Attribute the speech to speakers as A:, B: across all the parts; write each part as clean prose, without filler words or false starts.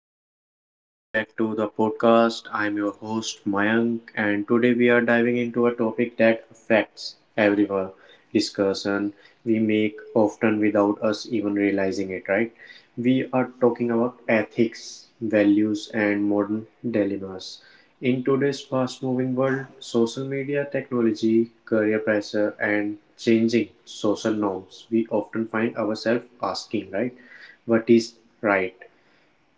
A: everyone, welcome back to the podcast. I'm your host Mayank, and today we are diving into a topic that affects everyone, discussion we make often without us even realizing it, right? We are talking about ethics, values, and modern dilemmas. In today's fast moving world, social media, technology, career pressure, and changing social norms, we often find ourselves asking, right? What is right?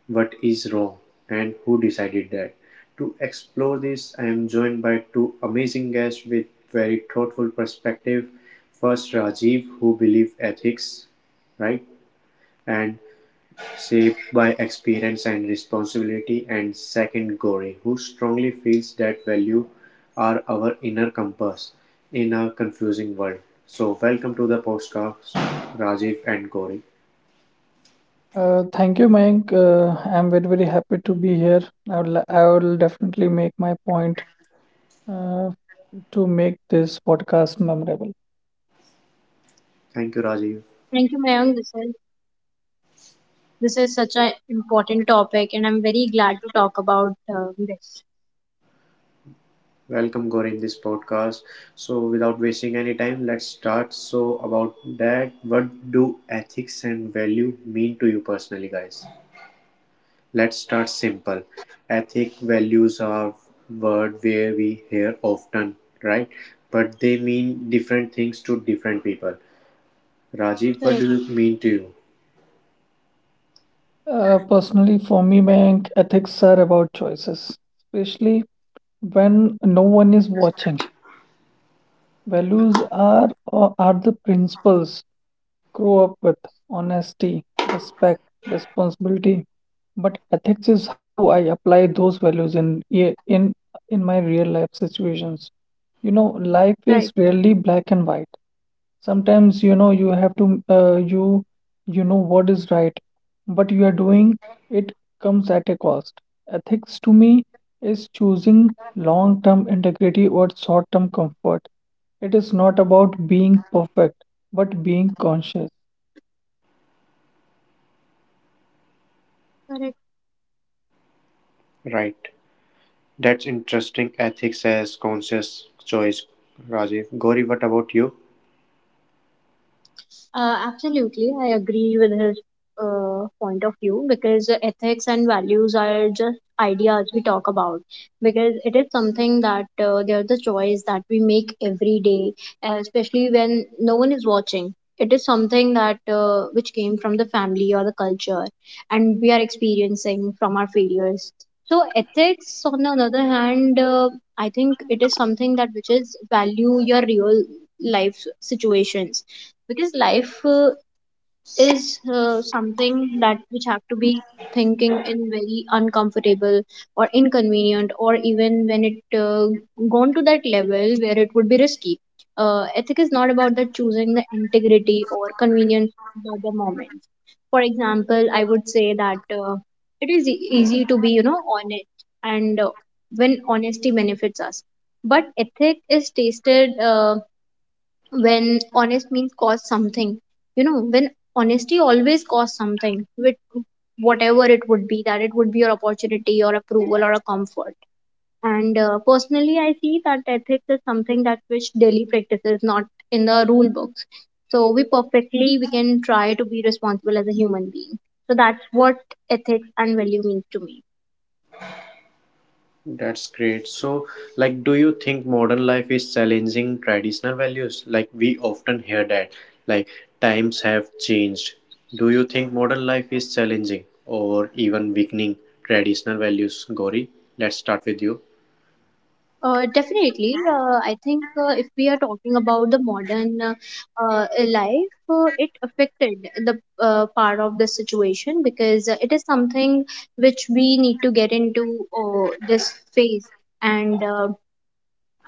A: What is wrong and who decided that? To explore this, I am joined by two amazing guests with very thoughtful perspective. First, Rajiv, who believes ethics, right, and shaped by experience and responsibility, and second, Gauri, who strongly feels that value are our inner compass in a confusing world. So, welcome to the podcast, Rajiv and Gauri.
B: Uh, thank you Mayank. I am very, very happy to be here. I will definitely make my point uh, to make this podcast memorable.
A: Thank you, Rajiv.
C: Thank you, Mayank. This is such an important topic, and I'm very glad to talk about this.
A: Welcome, Gauri, in this podcast. So, without wasting any time, let's start. So, about that, what do ethics and value mean to you personally, guys? Let's start simple. Ethic values are word where we hear often, right? But they mean different things to different people. Rajiv, what do
C: Correct,
A: you mean to you?
B: Personally, for me, Mayank, ethics are about choices, especially when no one is watching. Values are the principles grow up with: honesty, respect, responsibility. But ethics is how I apply those values in my real life situations. You know, life
C: right,
B: is rarely black and white. Sometimes you know you have to, you you know what is right, but you are doing it comes at a cost. Ethics to me is choosing long-term integrity or short-term comfort. It is not about being perfect, but being conscious.
C: correct.
A: Right. That's interesting. Ethics as conscious choice, Rajiv. Gauri, what about you?
C: Absolutely, I agree with his point of view, because ethics and values are just ideas we talk about, because it is something that they are the choice that we make every day, especially when no one is watching. It is something that which came from the family or the culture, and we are experiencing from our failures. So ethics, on the other hand, I think it is something that which is value your real life situations, because life is something that which have to be thinking in very uncomfortable or inconvenient, or even when it gone to that level where it would be risky. Ethic is not about the choosing the integrity or convenience of the moment. For example, I would say that it is easy to be, you know, honest and when honesty benefits us, but ethic is tasted when honest means cost something. You know, when honesty always costs something, with whatever it would be, that it would be your opportunity or approval or a comfort. And personally, I see that ethics is something that which daily practices, not in the rule books. So we perfectly we can try to be responsible as a human being. So that's what ethics and value means to me.
A: That's great. So, like, do you think modern life is challenging traditional values? Like, we often hear that, like, times have changed. Do you think modern life is challenging or even weakening traditional values? Gauri, let's start with you.
C: Definitely. I think if we are talking about the modern life, it affected the part of the situation, because it is something which we need to get into this phase. And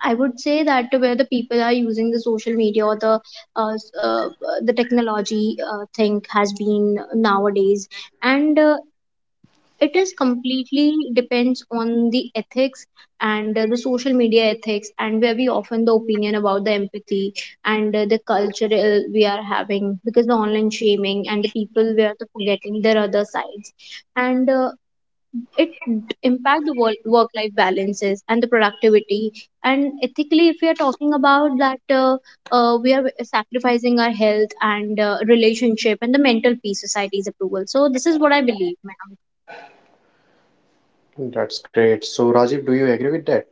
C: I would say that where the people are using the social media or the uh, s- uh, the technology thing has been nowadays, and it is completely depends on the ethics and the social media ethics, and where we often the opinion about the empathy and the cultural we are having, because the online shaming and the people we are forgetting their other sides, and it impact the work life balances and the productivity. And ethically, if we are talking about that, we are sacrificing our health and relationship and the mental peace, society's approval. So this is what I believe, ma'am.
A: That's great. So, Rajiv, do you agree with that?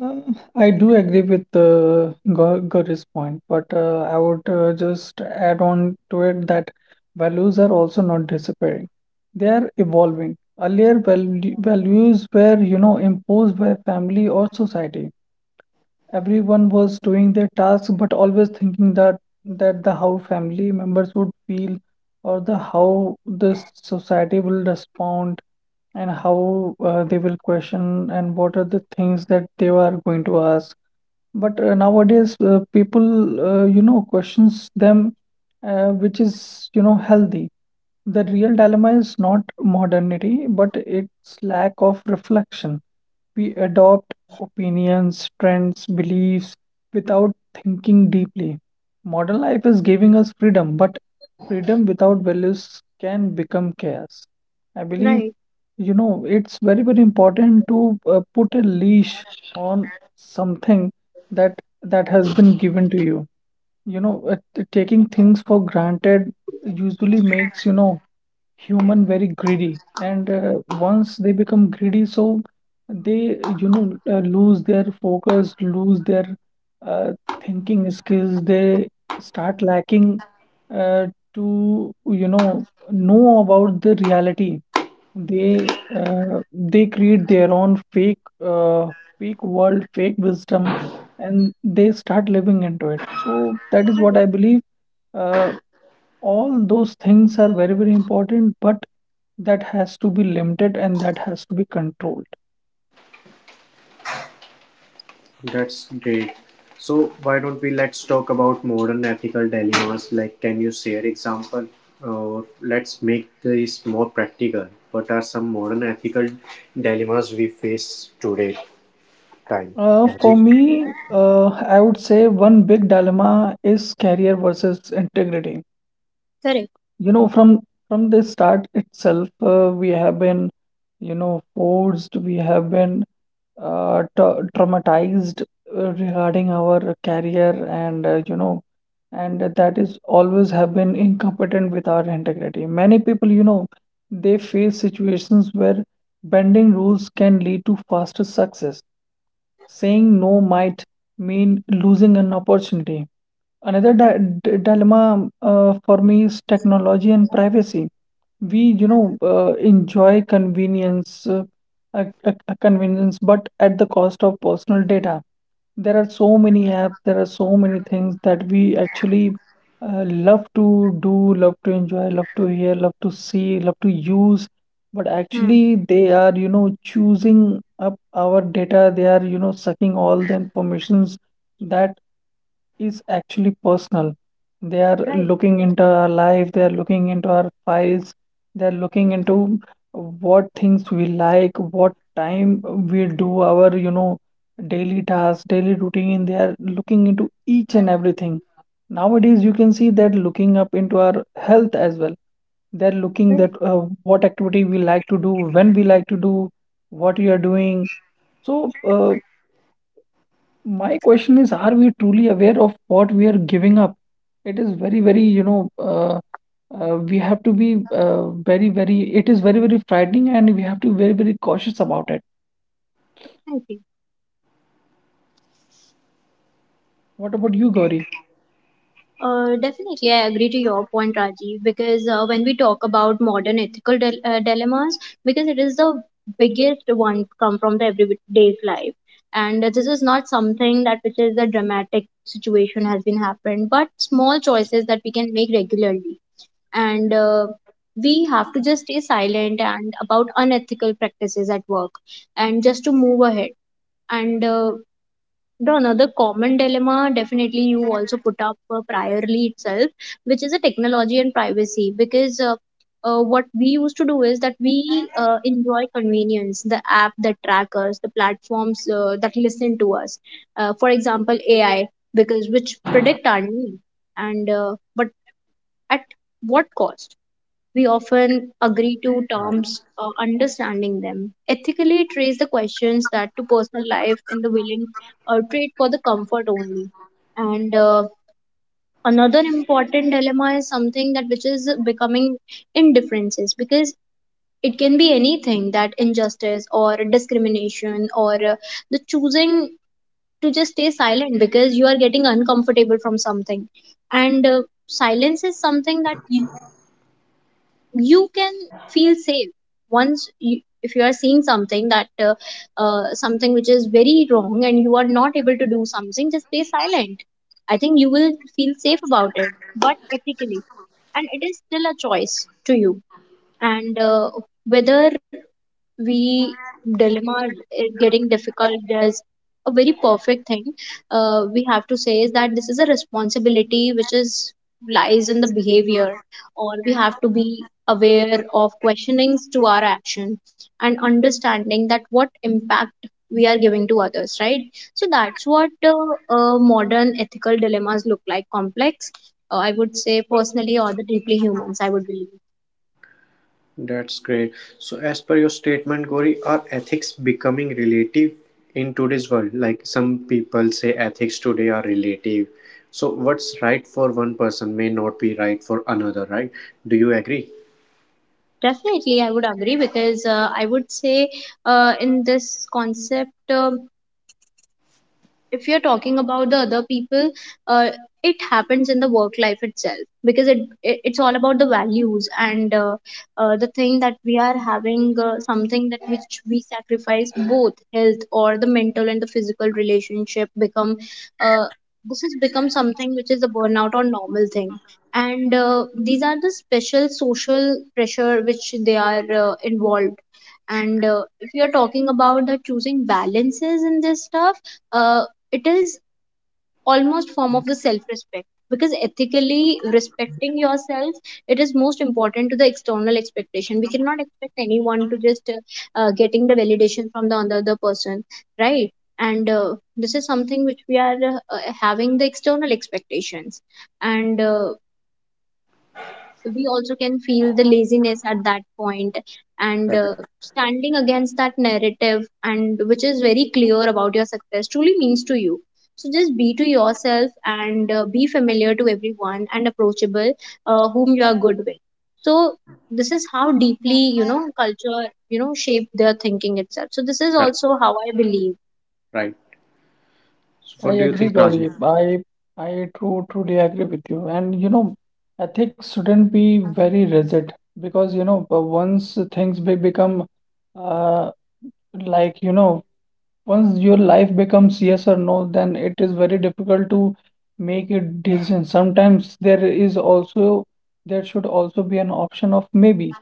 B: Uh, I do agree with Gauri's point, but I would just add on to it that values are also not disappearing. They are evolving. Earlier, values were, you know, imposed by family or society. Everyone was doing their tasks, but always thinking that that the how family members would feel, or the how the society will respond, and how they will question, and what are the things that they are going to ask. But nowadays, people, you know, questions them, which is, you know, healthy. The real dilemma is not modernity, but its lack of reflection. We adopt opinions, trends, beliefs without thinking deeply. Modern life is giving us freedom, but freedom without values can become chaos. I believe,
C: Right.
B: you know, it's very, very important to put a leash on something that that has been given to you. You know, taking things for granted usually makes, you know, human very greedy, and once they become greedy, so they, you know, lose their focus, lose their uh, thinking skills. They start lacking, uh, to you know about the reality. They create their own fake world, fake wisdom, and they start living into it. So that is what
C: Right.
B: I believe. Uh, all those things are very, very important, but that has to be limited and that has to be controlled.
A: That's great. So why don't we let's talk about modern ethical dilemmas? Like, can you share example, or let's make this more practical? What are some modern ethical dilemmas we face today? Time.
B: For
A: Rajiv?
B: me, I would say one big dilemma is career versus integrity.
C: Correct.
B: You know, from the start itself, we have been, you know, forced. We have been, traumatized, regarding our career, and you know, and that is always have been incompetent with our integrity. Many people, you know, they face situations where bending rules can lead to faster success, saying no might mean losing an opportunity. Another dilemma, for me, is technology and privacy. We, you know, enjoy convenience, a convenience, but at the cost of personal data. There are so many apps, there are so many things that we actually love to do, love to enjoy, love to hear, love to see, love to use, but
C: Hmm.
B: actually they are, you know, choosing up our data. They are, you know, sucking all the informations that is actually personal. They are
C: Right.
B: looking into our life, they are looking into our files, they are looking into what things we like, what time we do our, you know, daily tasks, daily routine. They are looking into each and everything. Nowadays, you can see that looking up into our health as well. They're looking
C: Correct.
B: that what activity we like to do, when we like to do, what we are doing. So, my question is, are we truly aware of what we are giving up? It is very, very, you know, we have to be very, very, it is very, very frightening, and we have to be very, very cautious about it.
C: I see.
B: What about you, Gauri?
C: Definitely, I agree to your point, Rajiv, because when we talk about modern ethical dilemmas, because it is the biggest one come from the everyday life, and this is not something that which is a dramatic situation has been happened, but small choices that we can make regularly. And we have to just stay silent and about unethical practices at work, and just to move ahead. And the another common dilemma, definitely you also put up priorly itself, which is a technology and privacy, because what we used to do is that we enjoy convenience, the app that track us, the platforms that listen to us, for example, AI, because which predict our need. And but at what cost? We often agree to
A: Right.
C: terms understanding them ethically, trace the questions that to personal life in the willing trade for the comfort only. And another important dilemma is something that which is becoming indifferences, because it can be anything, that injustice or discrimination, or the choosing to just stay silent because you are getting uncomfortable from something. And silence is something that you can feel safe. Once you, if you are seeing something that something which is very wrong and you are not able to do something, just stay silent, I think you will feel safe about it, but ethically, and it is still a choice to you. And whether we dilemma is getting difficult, there's a very perfect thing we have to say is that this is a responsibility which is lies in the behavior, or we have to be aware of questionings to our action, and understanding that what impact we are giving to others, right? So that's what modern ethical dilemmas look like, complex. I would say personally, or the deeply humans, I would believe.
A: That's great. So as per your statement, Gori, are ethics becoming relative in today's world? Like some people say ethics today are relative. So what's right for one person may not be right for another, right? Do you agree?
C: Definitely, I would agree, because I would say in this concept. Um, if you're talking about the other people, uh, it happens in the work life itself, because it it's all about the values, and the thing that we are having, something that which we sacrifice, both health or the mental, and the physical relationship become uh, this has become something which is a burnout or normal thing. And these are the special social pressure which they are involved. And if you are talking about the choosing balances in this stuff, uh, it is almost form of the self respect because ethically respecting yourself, it is most important to the external expectation. We cannot expect anyone to just getting the validation from the other person, right? And this is something which we are having the external expectations. And we also can feel the laziness at that point, and
A: Correct.
C: standing against that narrative, and which is very clear about your success truly means to you. So just be to yourself, and be familiar to everyone and approachable, whom you are good with. So this is how deeply, you know, culture, you know, shape their thinking itself. So this is also how I believe.
A: Right. So
B: I
A: what do you
B: agree,
A: think, Rajiv?
B: Gauri. I true truly agree with you. And you know, ethics shouldn't be very rigid, because you know, once things be become, uh, like, you know, once your life becomes yes or no, then it is very difficult to make a decision. Sometimes there is also, there should also be an option of maybe,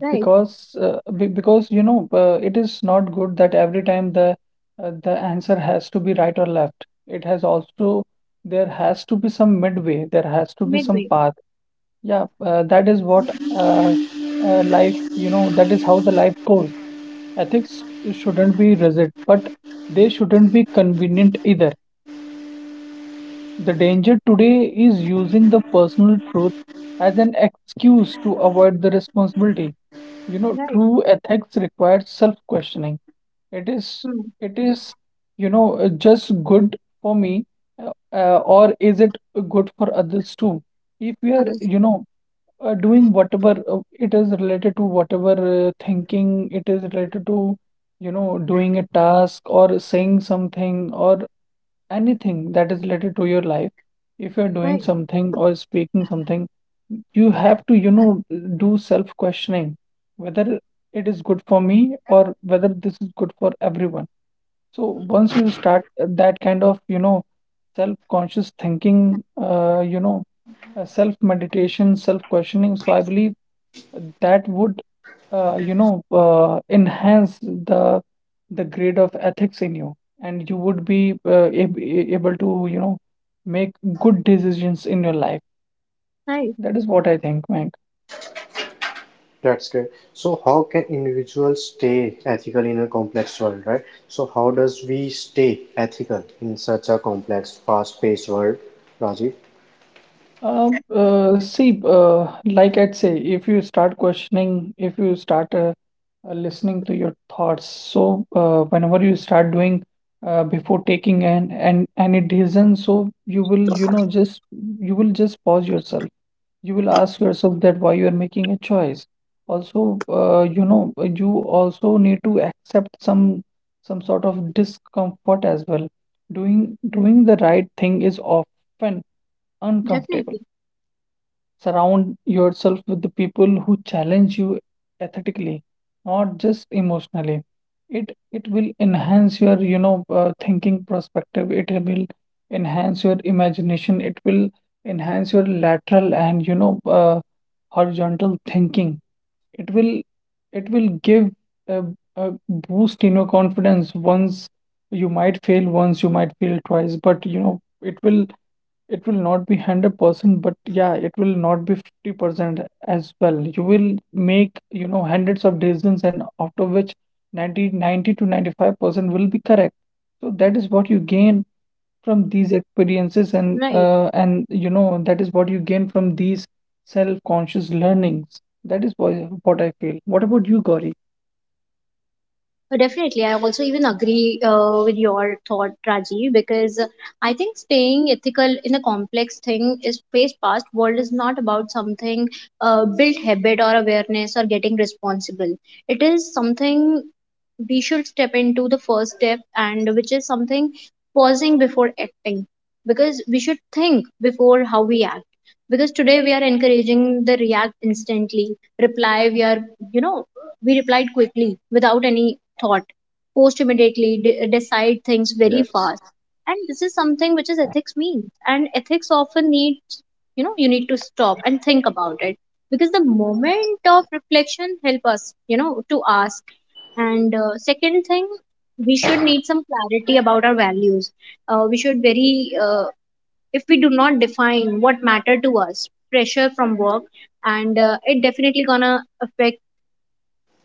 C: Right.
B: because because you know, it is not good that every time the answer has to be right or left. It has also, there has to be some midway. There has to be some
C: Midway.
B: path. Yeah, that is what, life. You know, that is how the life goes. Ethics shouldn't be rigid, but they shouldn't be convenient either. The danger today is using the personal truth as an excuse to avoid the responsibility. You know,
C: Right.
B: true ethics requires self-questioning. It is,
C: Hmm.
B: it is, you know, just good for me, or is it good for others too? If we are,
C: Others.
B: you know, doing whatever, it is related to whatever, thinking it is related to, you know, doing a task or saying something or anything that is related to your life, if you're doing
C: Right.
B: something or speaking something, you have to, you know, do self questioning, whether it is good for me or whether this is good for everyone. So once you start, that kind of, you know, self conscious thinking, you know, self meditation, self questioning. So I believe that would, you know, enhance the grade of ethics in you, and you would be able to, you know, make good decisions in your life.
C: Right.
B: That is what I think, Mayank.
A: That's great. So, how can individuals stay ethical in a complex world, right? So, how does we stay ethical in such a complex, fast-paced world, Rajiv?
B: See, like, I'd say, if you start questioning, if you start, listening to your thoughts, so whenever you start doing, before taking an and any decision, so you will, you know, just, you will just pause yourself. You will ask yourself that why you are making a choice. Also, you know, you also need to accept some sort of discomfort as well. Doing the right thing is often uncomfortable.
C: Definitely.
B: Surround yourself with the people who challenge you ethically, not just emotionally. It will enhance your, you know, thinking perspective. It will enhance your imagination. It will enhance your lateral and, you know, horizontal thinking. It will it will give a, a boost in your confidence. Once you might fail once, you might fail twice, but you know, it will, it will not be 100%, but yeah, it will not be 50% as well. You will make, you know, hundreds of decisions, and out of which ninety to 95% will be correct. So that is what you gain from
C: Right.
B: these experiences, and you know, that is what you gain from these self-conscious learnings. That is what I feel. What about you, Gauri?
C: Definitely, I also even agree with your thought, Rajiv, because I think staying ethical in a complex thing is face past world is not about something, built habit or awareness or getting responsible. It is something we should step into the first step, and which is something pausing before acting, because we should think before how we act. Because today we are encouraging the react instantly, reply we are, you know, we replied quickly, without any thought. Post immediately, decide things very
A: Yes.
C: fast. And this is something which is ethics means. And ethics often needs, you know, you need to stop and think about it. Because the moment of reflection help us, you know, to ask. And second thing, we should need some clarity about our values. We should very, if we do not define what matter to us, pressure from work, and it definitely gonna affect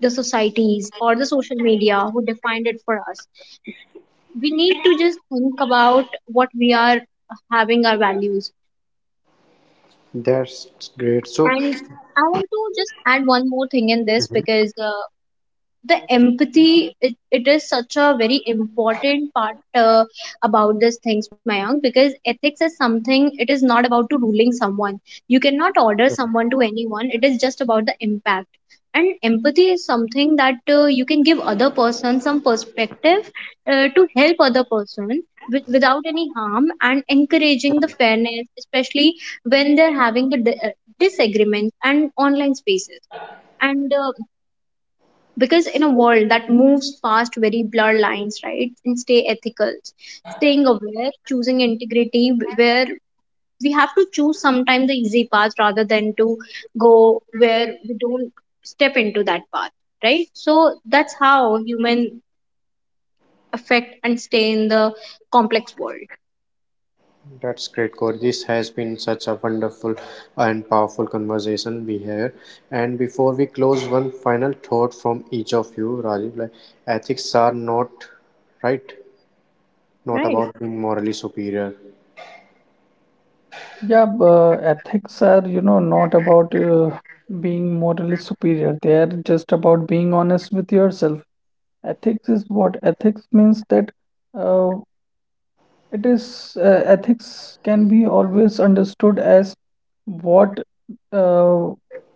C: the societies or the social media who defined it for us. We need to just think about what we are having our values.
A: That's great. So
C: And I want to just add one more thing in this, because the empathy, it is such a very important part, about these things, Mayank, because ethics is something, it is not about to ruling someone, you cannot order someone to anyone, it is just about the impact. And empathy is something that you can give other person some perspective to help other person with, without any harm, and encouraging the fairness, especially when they're having the disagreements and online spaces. And because in a world that moves past very blurred lines, right? And stay ethical, staying aware, choosing integrity, where we have to choose sometimes the easy path rather than to go where we don't step into that path, right? So that's how human affect and stay in the complex world.
A: that's great, Core. This has been such a wonderful and powerful conversation we had. And before we close, one final thought from each of you, Rajiv. Like ethics are not right, not
C: Right.
A: about being morally superior.
B: Yeah, ethics are, you know, not about being morally superior. They are just about being honest with yourself. Ethics is what? Ethics means that, uh, it is, ethics can be always understood as what, uh,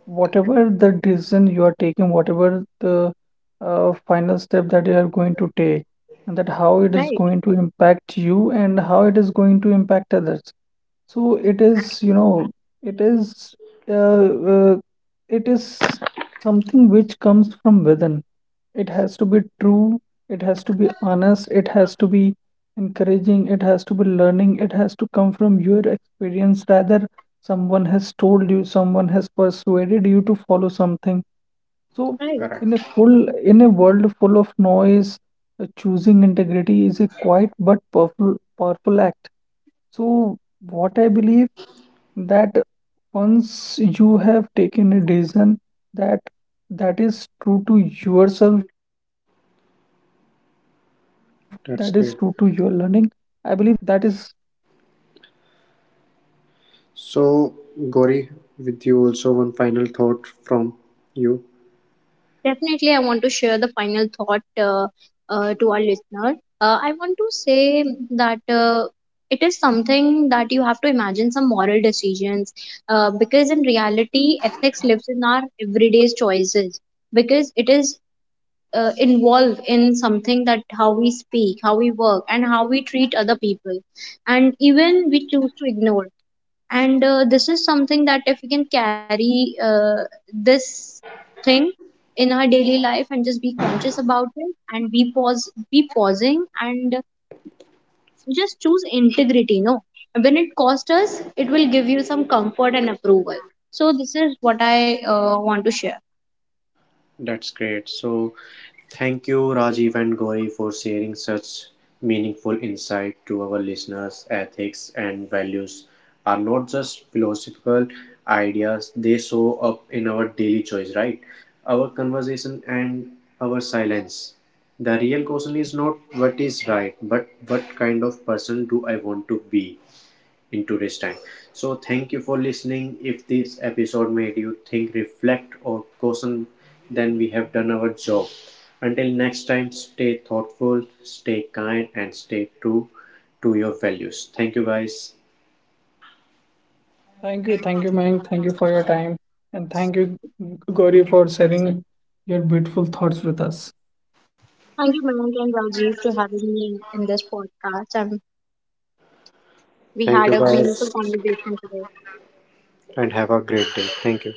B: whatever the decision you are taking, whatever the final step that you are going to take, and that how
C: Right.
B: it is going to impact you and how it is going to impact others. So it is, you know, it is, uh, uh, it is something which comes from within. It has to be true, it has to be honest, it has to be encouraging, it has to be learning, it has to come from your experience rather someone has told you, someone has persuaded you to follow something. So,
C: Right.
A: Correct.
B: in a world full of noise, choosing integrity is a quiet but powerful act. So what I believe, that once you have taken a decision that that is true to yourself, that is true to your learning, I believe
A: That's
B: that
A: great.
B: is.
A: So, Gauri, with you also one final thought from you.
C: Definitely, I want to share the final thought to our listener. I want to say that it is something that you have to imagine some moral decisions, because in reality, ethics lives in our everyday choices, because it is involved in something that how we speak, how we work, and how we treat other people, and even we choose to ignore. And this is something that if we can carry this thing in our daily life, and just be conscious about it, and be pause, be pausing, and just choose integrity, no, when it costs us, it will give you some comfort and approval. So this is what I want to share.
A: That's great. So, thank you, Rajiv and Gauri, for sharing such meaningful insight to our listeners. Ethics and values are not just philosophical ideas, they show up in our daily choice, right? Our conversation and our silence. The real question is not what is right, but what kind of person do I want to be in today's time? So, thank you for listening. If this episode made you think, reflect, or caution, then we have done our job. Until next time, stay thoughtful, stay kind, and stay true to your values. Thank you, guys.
B: Thank you, Mayank. Thank you for your time. And thank you, Gauri, for sharing your beautiful thoughts with us.
C: Thank you, Mayank and Rajiv, to having me in this podcast. We
A: Thank
C: had
A: you,
C: a meaningful
A: guys,
C: conversation today.
A: and have a great day. Thank you.